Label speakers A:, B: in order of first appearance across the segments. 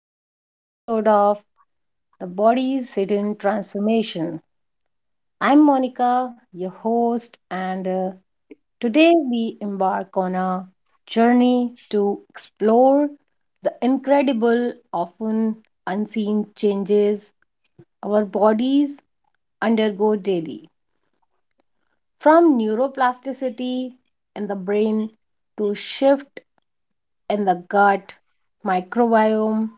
A: the first episode of The Body's Hidden Transformation. I'm Monica, your host, and today we embark on a journey to explore the incredible, often unseen changes our bodies undergo daily. From neuroplasticity in the brain to shift in the gut, microbiome,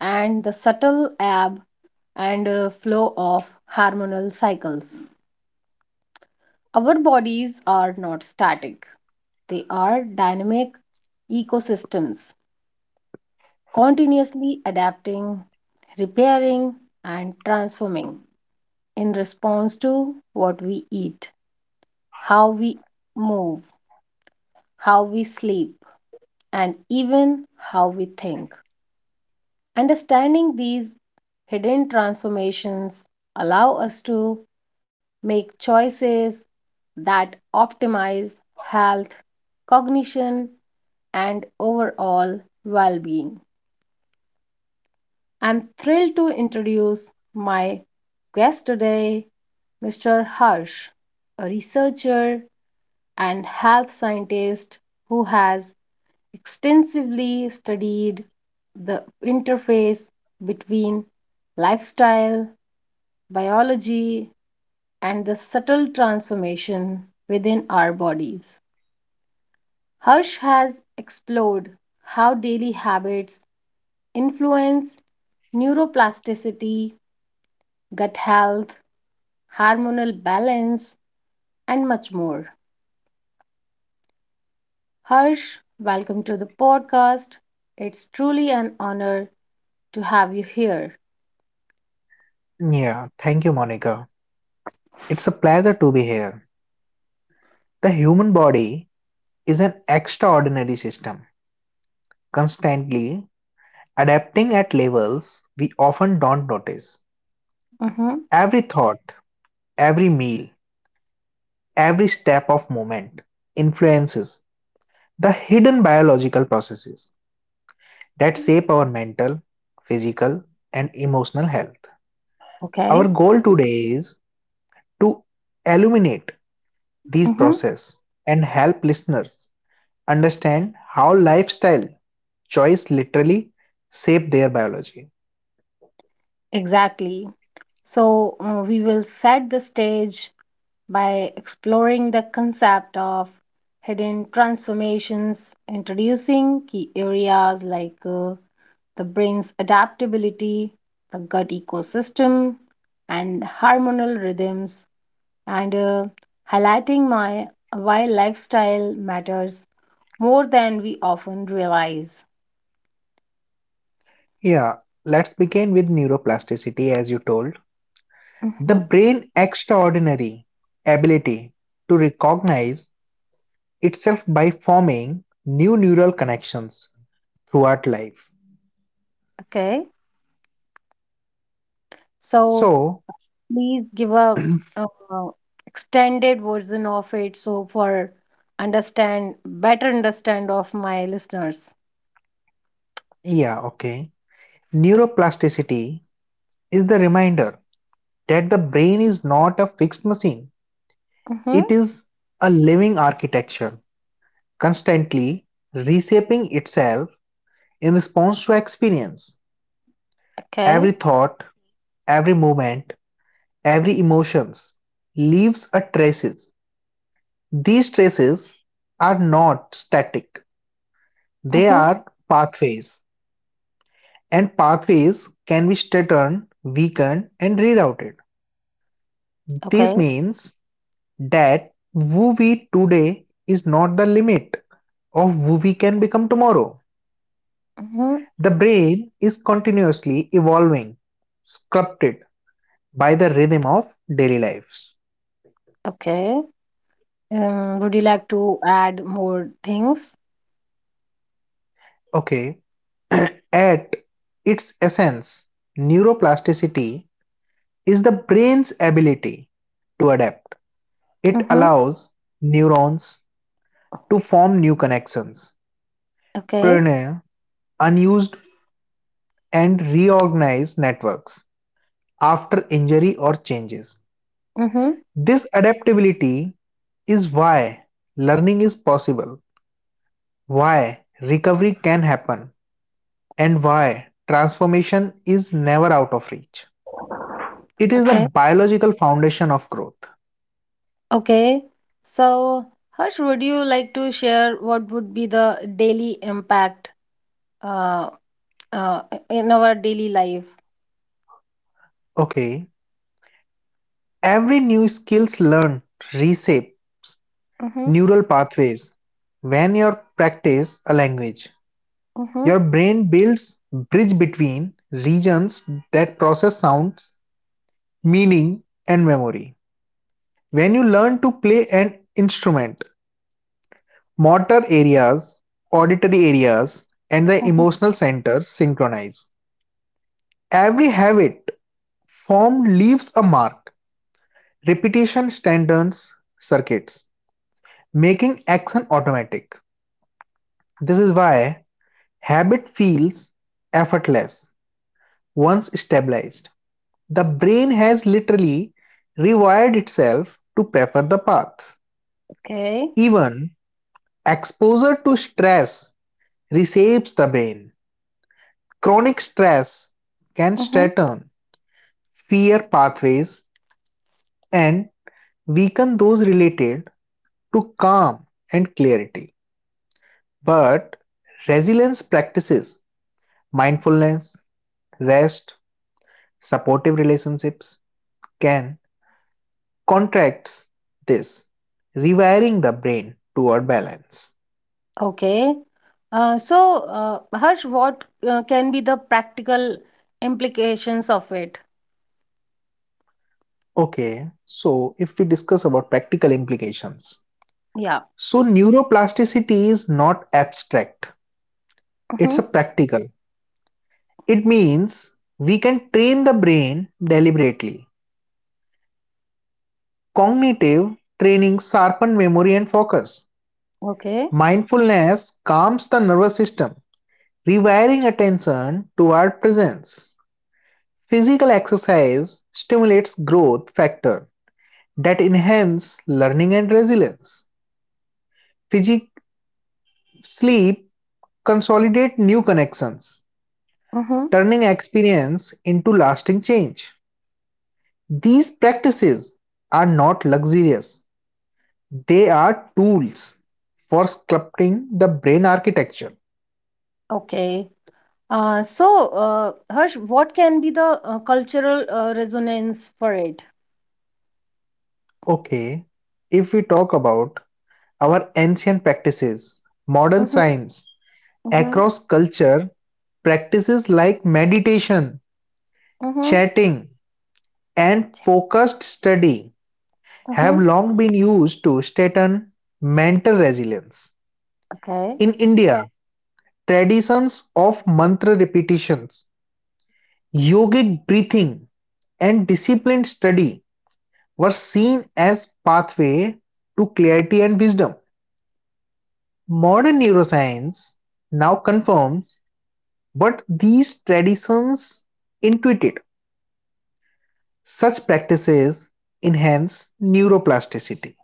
A: and the subtle ebb and flow of hormonal cycles. Our bodies are not static, they are dynamic ecosystems, continuously adapting, repairing, and transforming in response to what we eat, how we move, how we sleep, and even how we think. Understanding these hidden transformations allow us to make choices that optimize health, cognition, and overall well-being. I'm thrilled to introduce my guest today, Mr. Harsh, a researcher and health scientist who has extensively studied the interface between lifestyle, biology, and the subtle transformation within our bodies. Harsh has explored how daily habits influence neuroplasticity, gut health, hormonal balance, and much more. Harsh, welcome to the podcast. It's truly an honor to have you here.
B: Yeah, thank you, Monica. It's a pleasure to be here. The human body is an extraordinary system, constantly adapting at levels we often don't notice.
A: Mm-hmm.
B: Every thought, every meal, every step of movement influences the hidden biological processes that shape our mental, physical, and emotional health.
A: Okay.
B: Our goal today is to illuminate these
A: Mm-hmm.
B: processes and help listeners understand how lifestyle choice literally shape their biology.
A: Exactly. So, we will set the stage by exploring the concept of hidden transformations, introducing key areas like the brain's adaptability, the gut ecosystem, and hormonal rhythms, and highlighting my why lifestyle matters more than we often realize.
B: Yeah, let's begin with neuroplasticity as you told. The
A: Mhm.
B: brain extraordinary ability to recognize itself by forming new neural connections throughout life.
A: Okay, so
B: So,
A: please give a, uh extended version of it so for understand better understand of my listeners.
B: yeah, okay. Neuroplasticity is the reminder that the brain is not a fixed machine.
A: Mm-hmm.
B: It is a living architecture, constantly reshaping itself in response to experience.
A: Okay.
B: Every thought, every movement, every emotions leaves a traces. These traces are not static. They
A: Mm-hmm.
B: are pathways, and pathways can be straightened, weakened and rerouted. This
A: Okay.
B: means that who we today is not the limit of who we can become tomorrow.
A: Mm-hmm.
B: The brain is continuously evolving, sculpted by the rhythm of daily lives.
A: Okay. Would you like to add more things?
B: Okay. At its essence, neuroplasticity is the brain's ability to adapt. It
A: Mm-hmm.
B: allows neurons to form new connections,
A: Okay.
B: pioneer unused and reorganize networks after injury or changes.
A: Mm-hmm.
B: This adaptability is why learning is possible, why recovery can happen, and why transformation is never out of reach. It is the
A: Okay.
B: biological foundation of growth.
A: Okay. So, Harsh, would you like to share what would be the daily impact uh, uh, in our daily life?
B: Okay. Every new skills learned reshape
A: Mm-hmm.
B: neural pathways. When you practice a language,
A: Mm-hmm.
B: your brain builds bridge between regions that process sounds, meaning, and memory. When you learn to play an instrument, motor areas, auditory areas, and the
A: Mm-hmm.
B: emotional centers synchronize. Every habit formed leaves a mark. Repetition strengthens circuits, making action automatic. This is why habit feels effortless once stabilized. The brain has literally rewired itself to prefer the paths.
A: Okay.
B: Even exposure to stress reshapes the brain. Chronic stress can
A: Mm-hmm.
B: strengthen fear pathways and weaken those related to calm and clarity. But resilience practices, mindfulness, rest, supportive relationships can contract this, rewiring the brain toward balance.
A: Okay. So, Harsh, what can be the practical implications of it?
B: Okay, so if we discuss about practical implications.
A: Yeah.
B: So neuroplasticity is not abstract,
A: Mm-hmm.
B: it's a practical. It means we can train the brain deliberately. Cognitive training sharpen memory and focus.
A: Okay.
B: Mindfulness calms the nervous system, rewiring attention toward presence. Physical exercise stimulates growth factor that enhance learning and resilience. Physic sleep consolidate new connections,
A: Mm-hmm.
B: turning experience into lasting change. These practices are not luxurious. They are tools for sculpting the brain architecture.
A: Okay. So, Harsh, what can be the cultural resonance for it?
B: Okay, if we talk about our ancient practices, modern
A: Mm-hmm.
B: science.
A: Mm-hmm.
B: Across culture, practices like meditation,
A: Mm-hmm.
B: chatting, and focused study have
A: Mm-hmm.
B: long been used to strengthen mental resilience.
A: Okay.
B: In India, traditions of mantra repetitions, yogic breathing, and disciplined study were seen as pathway to clarity and wisdom. Modern neuroscience now confirms what these traditions intuited. Such practices enhance neuroplasticity.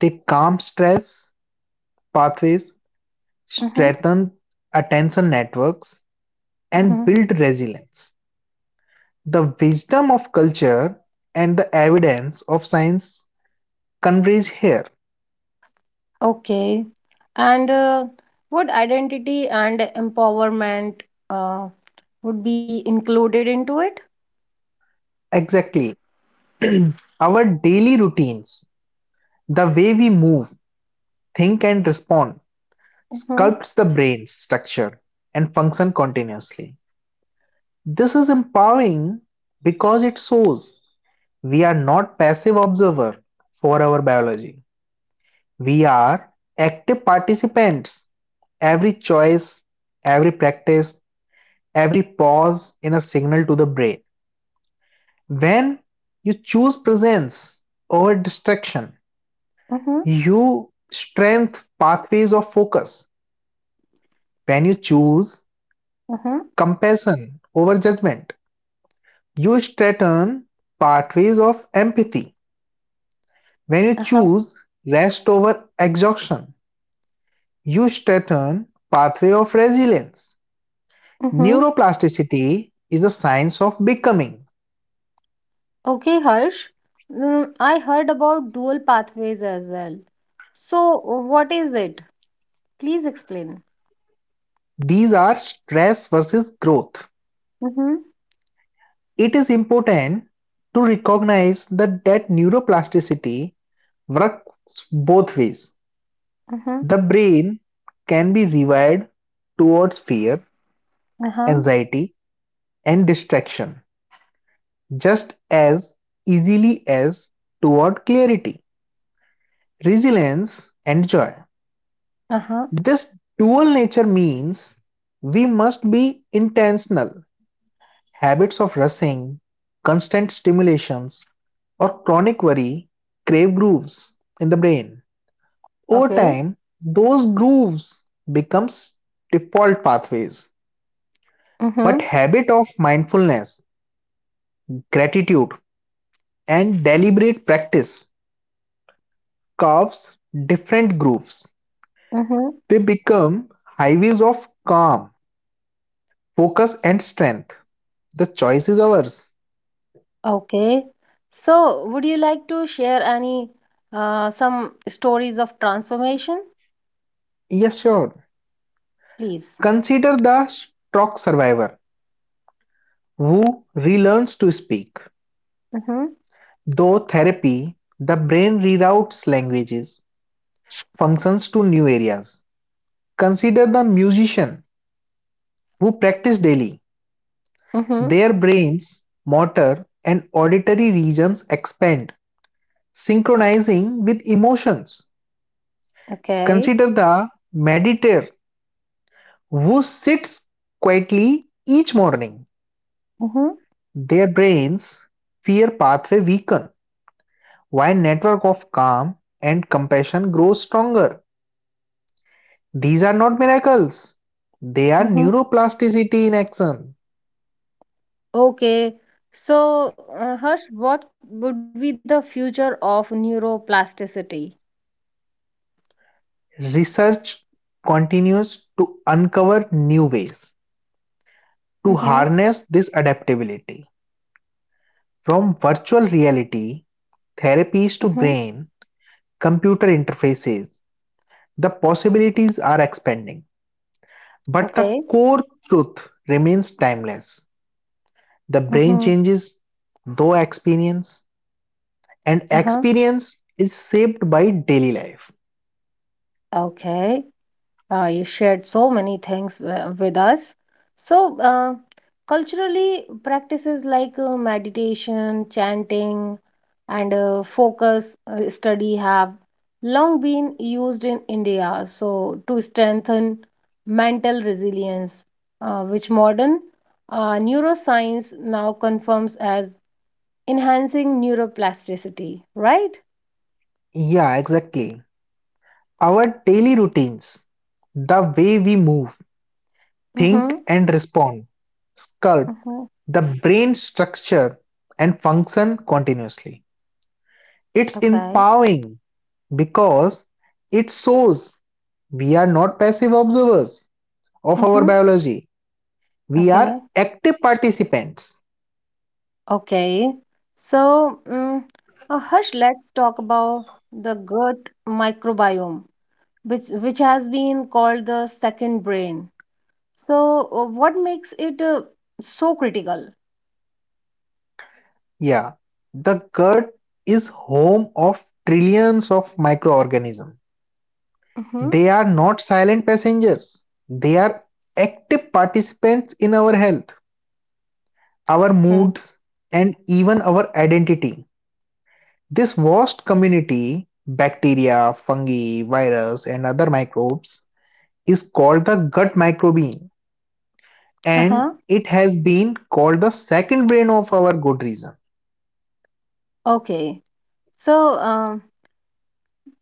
B: They calm stress pathways,
A: Mm-hmm.
B: strengthen attention networks, and
A: Mm-hmm.
B: build resilience. The wisdom of culture and the evidence of science converge here.
A: Okay. And what identity and empowerment uh, would be included into it?
B: Exactly. Our daily routines, the way we move, think, and respond,
A: Mm-hmm.
B: sculpts the brain's structure and function continuously. This is empowering because it shows we are not passive observer for our biology. We are active participants. Every choice, every practice, every pause in a signal to the brain. When you choose presence over distraction, you strengthen pathways of focus. When you choose
A: Mm-hmm.
B: compassion over judgment, you strengthen pathways of empathy. When you
A: Uh-huh.
B: choose rest over exhaustion, you Eustaton pathway of resilience.
A: Mm-hmm.
B: Neuroplasticity is the science of becoming.
A: Okay, Harsh. I heard about dual pathways as well. So, what is it? Please explain.
B: These are stress versus growth.
A: Mm-hmm.
B: It is important to recognize that neuroplasticity works both ways.
A: Mm-hmm.
B: The brain can be rewired towards fear,
A: Uh-huh.
B: anxiety, and distraction just as easily as toward clarity, resilience, and joy.
A: Uh-huh.
B: This dual nature means we must be intentional. Habits of rushing, constant stimulations, or chronic worry crave grooves in the brain. Over
A: Okay.
B: time, those grooves becomes default pathways.
A: Mm-hmm.
B: But habit of mindfulness, gratitude, and deliberate practice carves different grooves.
A: Mm-hmm.
B: They become highways of calm, focus, and strength. The choice is ours.
A: Okay. So, would you like to share any some stories of transformation,
B: Yes, sure.
A: please?
B: Consider the stroke survivor who relearns to speak.
A: Mm-hmm.
B: Though therapy, the brain reroutes languages, functions to new areas. Consider the musician who practice daily.
A: Mm-hmm.
B: Their brains, motor, and auditory regions expand, synchronizing with emotions.
A: Okay.
B: Consider the meditator who sits quietly each morning.
A: Mm-hmm.
B: Their brains fear pathway weaken. Why network of calm and compassion grows stronger. These are not miracles. They are
A: Mm-hmm.
B: neuroplasticity in action.
A: Okay. So, Harsh, what would be the future of neuroplasticity?
B: Research continues to uncover new ways to
A: Mm-hmm.
B: harness this adaptability. From virtual reality, therapies to
A: Mm-hmm.
B: brain, computer interfaces, the possibilities are expanding. But
A: Okay.
B: the core truth remains timeless. The
A: Mm-hmm.
B: brain changes, though experience and
A: Uh-huh.
B: experience is shaped by daily life.
A: Okay. You shared so many things with us. So, culturally, practices like meditation, chanting, and focus study have long been used in India. So, to strengthen mental resilience, which modern neuroscience now confirms as enhancing neuroplasticity, right?
B: Yeah, exactly. Our daily routines, the way we move, think,
A: Mm-hmm.
B: and respond, sculpt
A: Mhm.
B: the brain structure and function continuously. It's
A: Okay.
B: empowering because it shows we are not passive observers of our
A: Mhm.
B: biology, we are
A: Okay.
B: active participants.
A: Okay. So, Harsh, let's talk about the gut microbiome, which has been called the second brain. So, what makes it so critical?
B: Yeah, the gut is home of trillions of microorganisms.
A: Mhm.
B: They are not silent passengers. They are active participants in our health, our
A: Okay.
B: moods, and even our identity. This vast community, bacteria, fungi, virus, and other microbes, is called the gut microbiome, and
A: Uh-huh.
B: it has been called the second brain of our good reason.
A: Okay. So, um,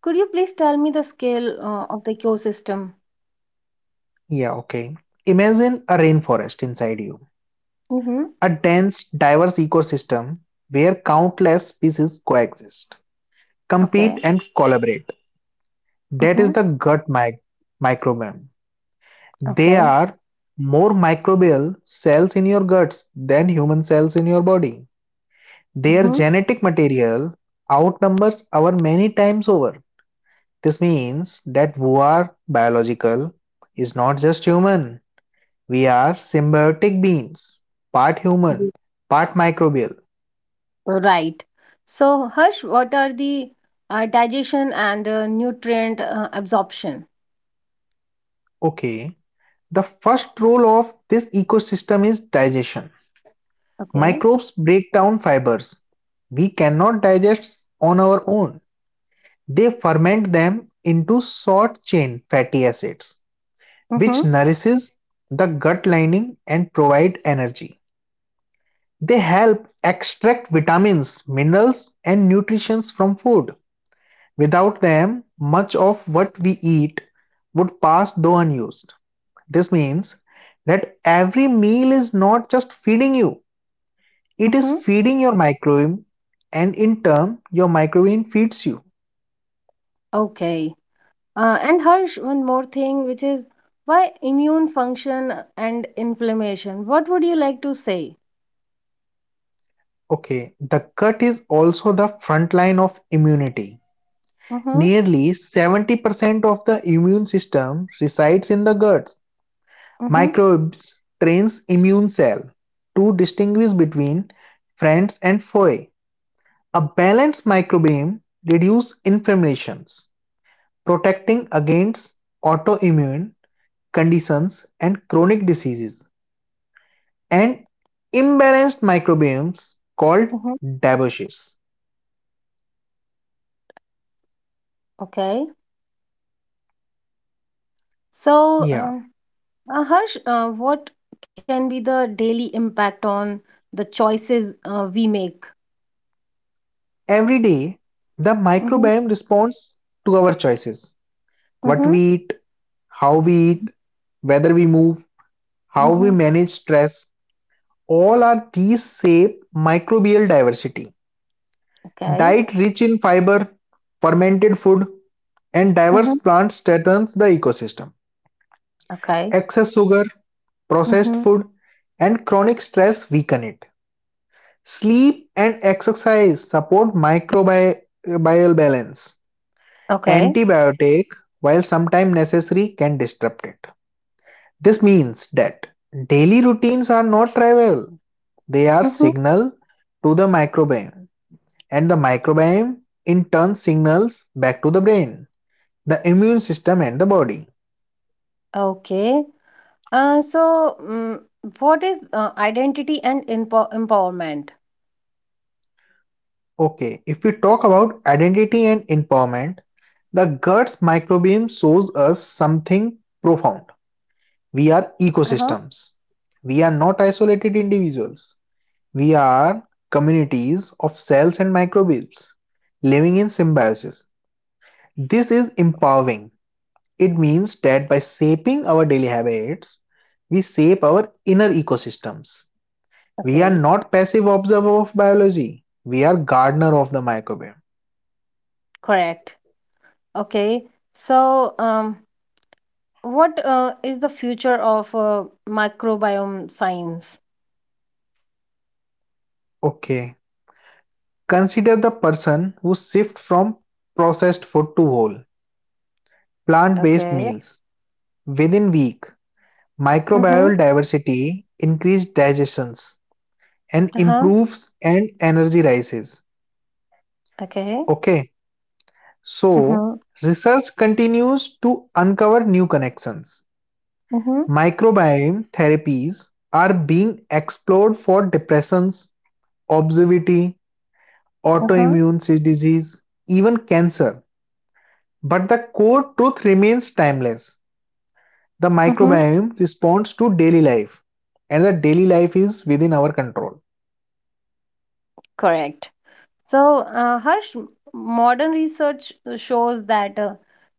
A: could you please tell me the scale of the ecosystem?
B: Yeah, okay. Imagine a rainforest inside you,
A: Mhm.
B: a dense, diverse ecosystem where countless species coexist, compete,
A: Okay.
B: and collaborate. That is
A: Mhm.
B: the microbiome. There
A: Okay.
B: are more microbial cells in your guts than human cells in your body. Their genetic material outnumbers our many times over. This means that we are biological is not just human. We are symbiotic beings, part human,
A: Mhm.
B: part microbial.
A: Right. So, Harsh, what are the digestion and nutrient absorption?
B: Okay, the first role of this ecosystem is digestion.
A: Okay.
B: Microbes break down fibers. We cannot digest on our own. They ferment them into short chain fatty acids,
A: Mm-hmm.
B: which nourishes the gut lining and provide energy. They help extract vitamins, minerals, and nutrients from food. Without them, much of what we eat would pass though unused. This means that every meal is not just feeding you, it is
A: Mm-hmm.
B: feeding your microbiome, and in turn, your microbiome feeds you.
A: Okay. And Harsh, one more thing, which is why immune function and inflammation? What would you like to say?
B: Okay, the gut is also the front line of immunity.
A: Mm-hmm.
B: Nearly 70% of the immune system resides in the guts.
A: Mm-hmm.
B: Microbes trains immune cell to distinguish between friends and foe. A balanced microbiome reduces inflammations protecting against autoimmune conditions and chronic diseases, and imbalanced microbiomes called
A: Mm-hmm.
B: dysbiosis.
A: Okay. So,
B: Yeah.
A: um, uh, Harsh, what can be the daily impact on the choices we make?
B: Every day, the
A: Mm-hmm.
B: microbiome responds to our choices what
A: Mm-hmm.
B: we eat, how we eat, whether we move, how we
A: Mm-hmm.
B: manage stress. All are these shape microbial diversity.
A: Okay.
B: Diet rich in fiber, fermented food, and diverse
A: Mm-hmm.
B: plants strengthens the ecosystem.
A: Okay.
B: Excess sugar, processed
A: Mhm.
B: food, and chronic stress weaken it. Sleep and exercise support microbial balance.
A: Okay.
B: Antibiotic, while sometimes necessary, can disrupt it. This means that daily routines are not trivial. They are
A: hmm
B: signal to the microbiome, and the microbiome in turn signals back to the brain, the immune system, and the body.
A: Okay. So, what is identity and empowerment?
B: Okay, if we talk about identity and empowerment, the guts microbiome shows us something profound. We are
A: Uh-huh.
B: ecosystems. We are not isolated individuals. We are communities of cells and microbes living in symbiosis. This is empowering. It means that by shaping our daily habits, we shape our inner ecosystems. We are
A: Okay.
B: not passive observer of biology. We are gardener of the microbiome.
A: Correct. Okay. So, what is the future of microbiome science?
B: Okay. Consider the person who shifts from processed food to whole, plant-based
A: Okay.
B: meals. Within week,
A: Mm-hmm.
B: microbial diversity, increased digestions, and
A: Uh-huh.
B: improves and energy rises.
A: Okay.
B: Okay, so
A: Mm-hmm.
B: research continues to uncover new connections.
A: Mm-hmm.
B: Microbiome therapies are being explored for depressions, obesity,
A: Uh-huh.
B: autoimmune disease, even cancer. But the core truth remains timeless. The
A: Mm-hmm.
B: microbiome responds to daily life and the daily life is within our control.
A: Correct. So, Harsh, modern research shows that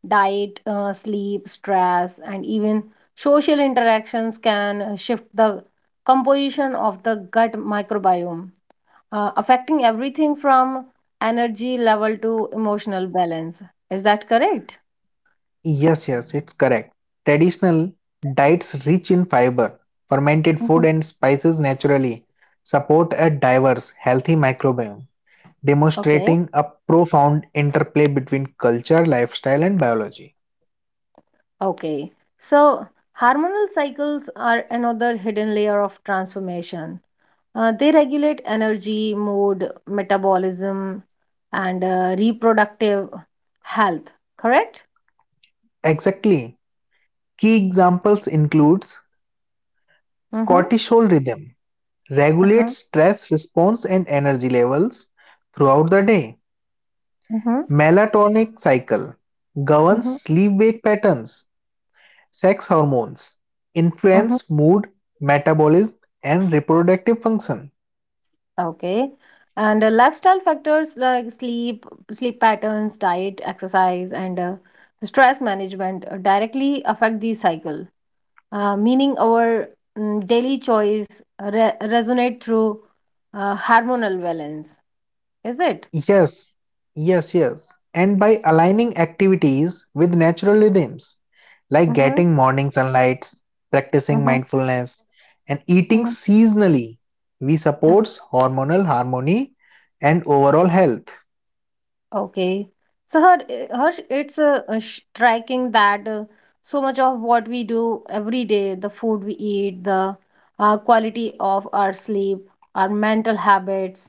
A: diet, sleep, stress, and even social interactions can shift the composition of the gut microbiome, affecting everything from energy level to emotional balance. Is that correct?
B: Yes, yes, it's correct. Traditional diets rich in fiber, fermented food
A: Mhm.
B: and spices naturally support a diverse healthy microbiome,
A: Okay.
B: demonstrating a profound interplay between culture lifestyle and biology.
A: Okay. So, hormonal cycles are another hidden layer of transformation. They regulate energy, mood, metabolism, and reproductive health. Correct?
B: Exactly. Key examples includes
A: Mm-hmm.
B: cortisol rhythm
A: Uh-huh.
B: regulates stress response and energy levels throughout the day.
A: Mm-hmm.
B: Melatonin cycle governs
A: Mm-hmm.
B: sleep-wake patterns, sex hormones,
A: Mm-hmm.
B: influence mood, metabolism, and reproductive function.
A: Okay. And lifestyle factors like sleep patterns, diet, exercise, and stress management directly affect the cycle. Meaning our daily choice resonate through hormonal balance. Is it?
B: Yes, yes. And by aligning activities with natural rhythms, like
A: Mm-hmm.
B: getting morning sunlight, practicing
A: Mm-hmm.
B: mindfulness, and eating
A: Mm-hmm.
B: seasonally, we support hormonal harmony and overall health.
A: Okay. It's striking that so much of what we do every day, the food we eat, the quality of our sleep, our mental habits,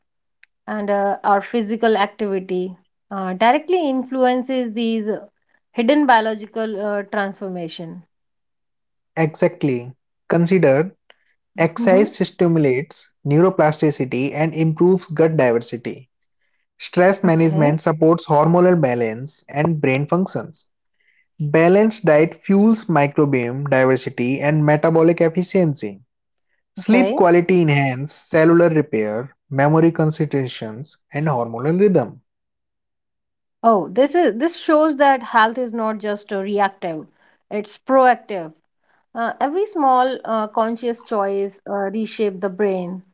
A: and our physical activity directly influences these hidden biological transformation.
B: Exactly. Consider
A: Mm-hmm.
B: exercise stimulates neuroplasticity and improves gut diversity. Stress
A: Okay.
B: management supports hormonal balance and brain functions. Balanced diet fuels microbiome diversity and metabolic efficiency.
A: Okay.
B: Sleep quality enhances cellular repair, memory concentrations, and hormonal rhythm.
A: Oh, this is this shows that health is not just reactive; it's proactive. Every small conscious choice reshape the brain,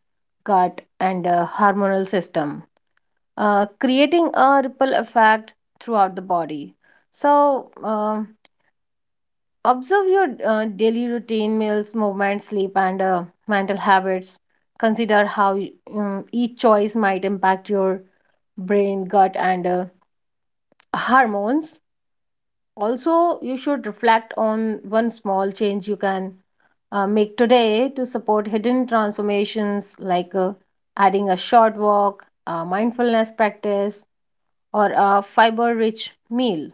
A: gut, and hormonal system, creating a ripple effect throughout the body. So, um, observe your daily routine, meals, movement, sleep, and mental habits. Consider how each choice might impact your brain, gut, and hormones. Also, you should reflect on one small change you can make today to support hidden transformations like adding a short walk, a mindfulness practice, or a fiber rich meal.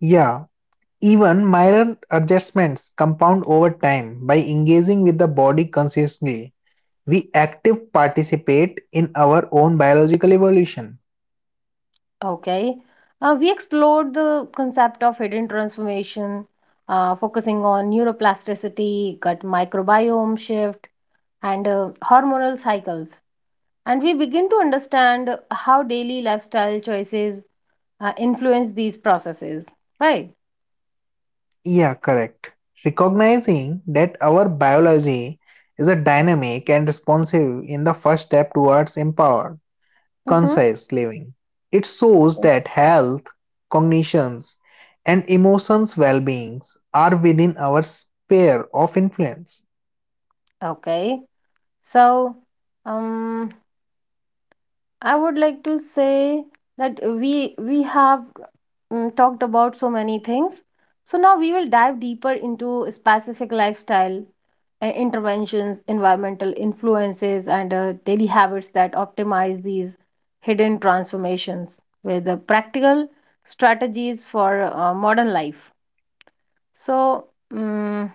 B: Yeah, even minor adjustments compound over time by engaging with the body consciously, we active participate in our own biological evolution.
A: Okay. We explored the concept of hidden transformation, focusing on neuroplasticity, gut microbiome shift, and hormonal cycles. And we begin to understand how daily lifestyle choices influence these processes, right?
B: Yeah, correct. Recognizing that our biology is a dynamic and responsive in the first step towards empowered,
A: Mm-hmm.
B: conscious living. It shows that health, cognitions, and emotions well beings are within our sphere of influence.
A: Okay. So, um, I would like to say that we have talked about so many things. So now we will dive deeper into specific lifestyle interventions, environmental influences, and daily habits that optimize these hidden transformations with the practical strategies for modern life. So. mm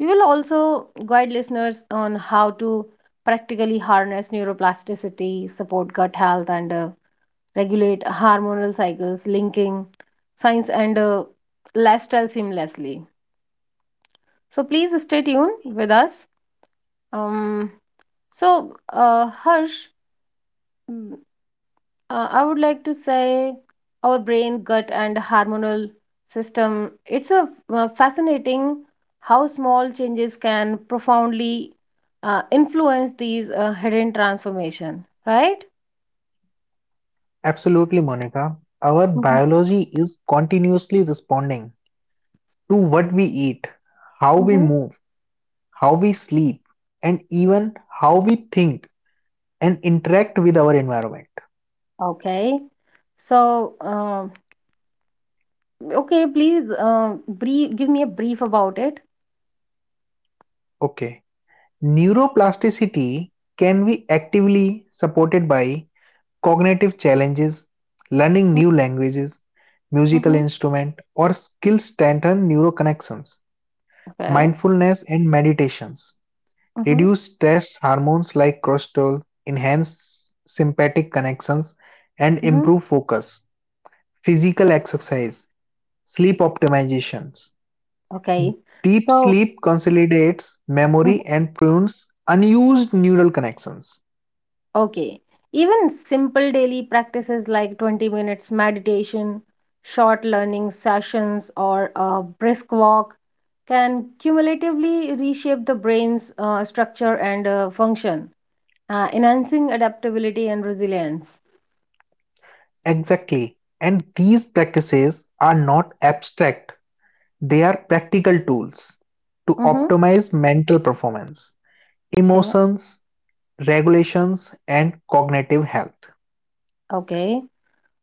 A: We will also guide listeners on how to practically harness neuroplasticity, support gut health, and regulate hormonal cycles, linking science and lifestyle seamlessly. So please stay tuned with us. Um, so, Harsh, I would like to say our brain, gut, and hormonal system. It's a fascinating how small changes can profoundly influence these hidden transformation, right?
B: Absolutely, Monica. Our
A: hmm
B: biology is continuously responding to what we eat, how we
A: hmm
B: move, how we sleep, and even how we think and interact with our environment.
A: Okay. So, okay, please give me a brief about it.
B: Okay, neuroplasticity can be actively supported by cognitive challenges, learning new languages, musical
A: Mm-hmm.
B: instrument, or skills strengthen neuroconnections,
A: Okay.
B: mindfulness and meditations,
A: Mm-hmm.
B: reduce stress hormones like cortisol, enhance sympathetic connections, and
A: Mm-hmm.
B: improve focus. Physical exercise, sleep optimizations.
A: Okay.
B: Deep
A: So,
B: sleep consolidates memory and prunes unused neural connections.
A: okay. Even simple daily practices like 20 minutes meditation, short learning sessions, or a brisk walk can cumulatively reshape the brain's structure and function, enhancing adaptability and resilience.
B: Exactly. And these practices are not abstract, they are practical tools to
A: Mm-hmm.
B: optimize mental performance,
A: Okay.
B: emotions, regulations, and cognitive health.
A: Okay.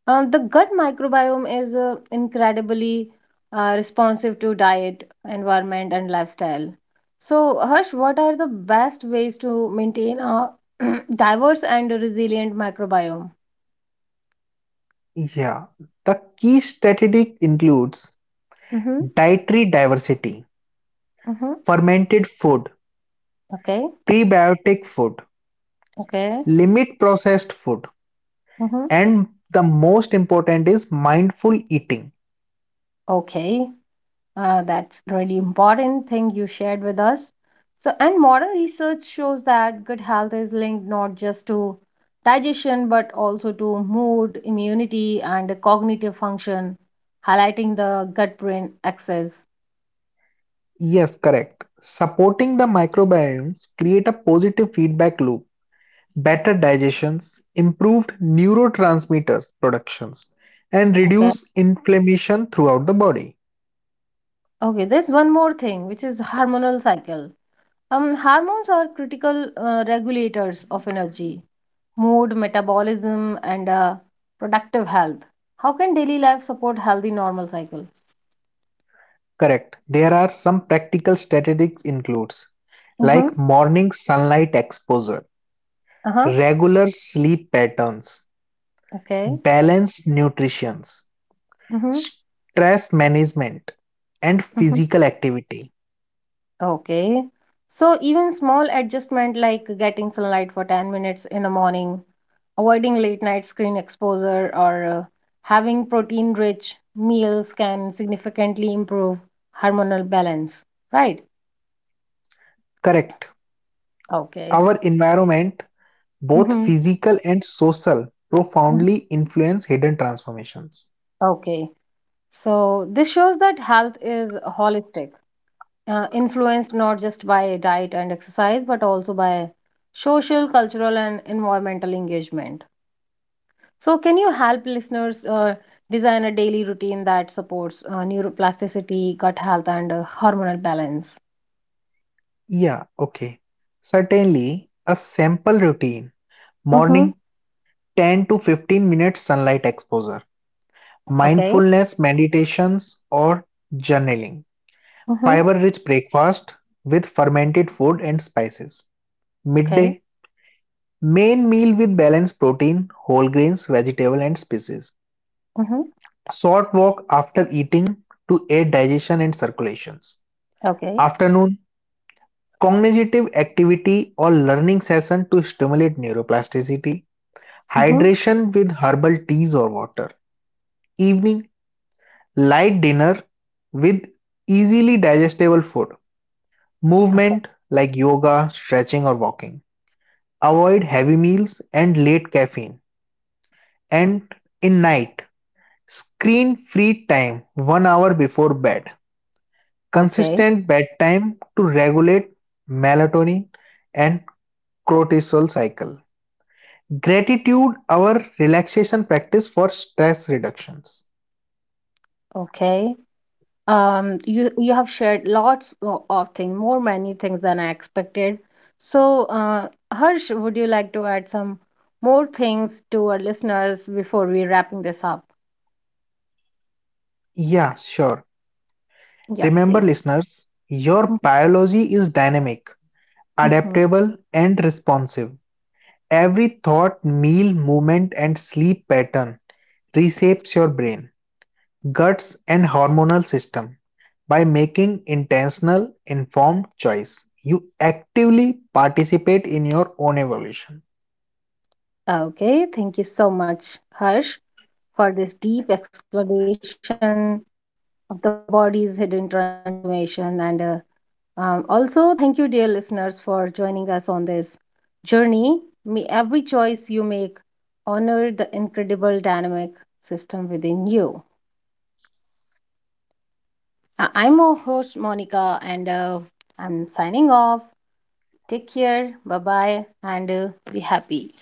A: The gut microbiome is incredibly responsive to diet, environment, and lifestyle. So, Harsh, what are the best ways to maintain a diverse and resilient microbiome?
B: Yeah, the key strategy includes
A: Mm-hmm.
B: dietary diversity,
A: Mm-hmm.
B: fermented food,
A: Okay.
B: prebiotic food,
A: Okay.
B: limit processed food.
A: Mm-hmm.
B: And the most important is mindful eating.
A: Okay. That's really important thing you shared with us. So, and modern research shows that good health is linked not just to digestion but also to mood, immunity, and cognitive function, highlighting the gut-brain axis.
B: Yes, correct. Supporting the microbiomes create a positive feedback loop, better digestions, improved neurotransmitters productions, and
A: Okay.
B: reduce inflammation throughout the body.
A: Okay, there's one more thing, which is hormonal cycle. Hormones are critical regulators of energy, mood, metabolism, and productive health. How can daily life support healthy normal cycle?
B: Correct. There are some practical strategies includes like
A: Mm-hmm.
B: morning sunlight exposure,
A: Uh-huh.
B: regular sleep patterns,
A: Okay.
B: balanced nutrition,
A: Mm-hmm.
B: stress management and
A: Mm-hmm.
B: physical activity.
A: Okay. So even small adjustment like getting sunlight for 10 minutes in the morning, avoiding late night screen exposure, or having protein rich meals can significantly improve hormonal balance, right?
B: Correct.
A: Okay.
B: Our environment, both
A: Mm-hmm.
B: physical and social, profoundly influence hidden transformations.
A: Okay. So this shows that health is holistic, influenced not just by diet and exercise, but also by social, cultural, and environmental engagement. So, can you help listeners design a daily routine that supports neuroplasticity, gut health, and hormonal balance?
B: Yeah, okay. Certainly, a simple routine:
A: Mm-hmm.
B: morning, 10 to 15 minutes sunlight exposure,
A: Okay.
B: mindfulness meditations, or journaling,
A: Mm-hmm.
B: fiber rich breakfast with fermented food and spices.
A: Okay.
B: Midday: main meal with balanced protein, whole grains, vegetable and species.
A: Mm-hmm.
B: Short walk after eating to aid digestion and circulations.
A: Okay.
B: Afternoon: cognitive activity or learning session to stimulate neuroplasticity.
A: Mm-hmm.
B: Hydration with herbal teas or water. Evening: light dinner with easily digestible food.
A: Okay,
B: Movement like yoga, stretching or walking. Avoid heavy meals and late caffeine. And in night: screen-free time 1 hour before bed.
A: okay,
B: Consistent bedtime to regulate melatonin and cortisol cycle. Gratitude our relaxation practice for stress reductions.
A: okay. You have shared lots of things, more many things than I expected. So, Harsh, would you like to add some more things to our listeners before we wrapping this up?
B: Yeah, sure.
A: Yeah,
B: Remember
A: please.
B: listeners, your biology is dynamic,
A: Mm-hmm.
B: adaptable and responsive. Every thought, meal, movement and sleep pattern reshapes your brain, guts and hormonal system. By making intentional informed choice, you actively participate in your own evolution.
A: Okay, thank you so much, Harsh, for this deep exploration of the body's hidden transformation. And also, thank you, dear listeners, for joining us on this journey. May every choice you make honor the incredible dynamic system within you. I'm your host, Monica, and I'm signing off. Take care, bye bye, and be happy.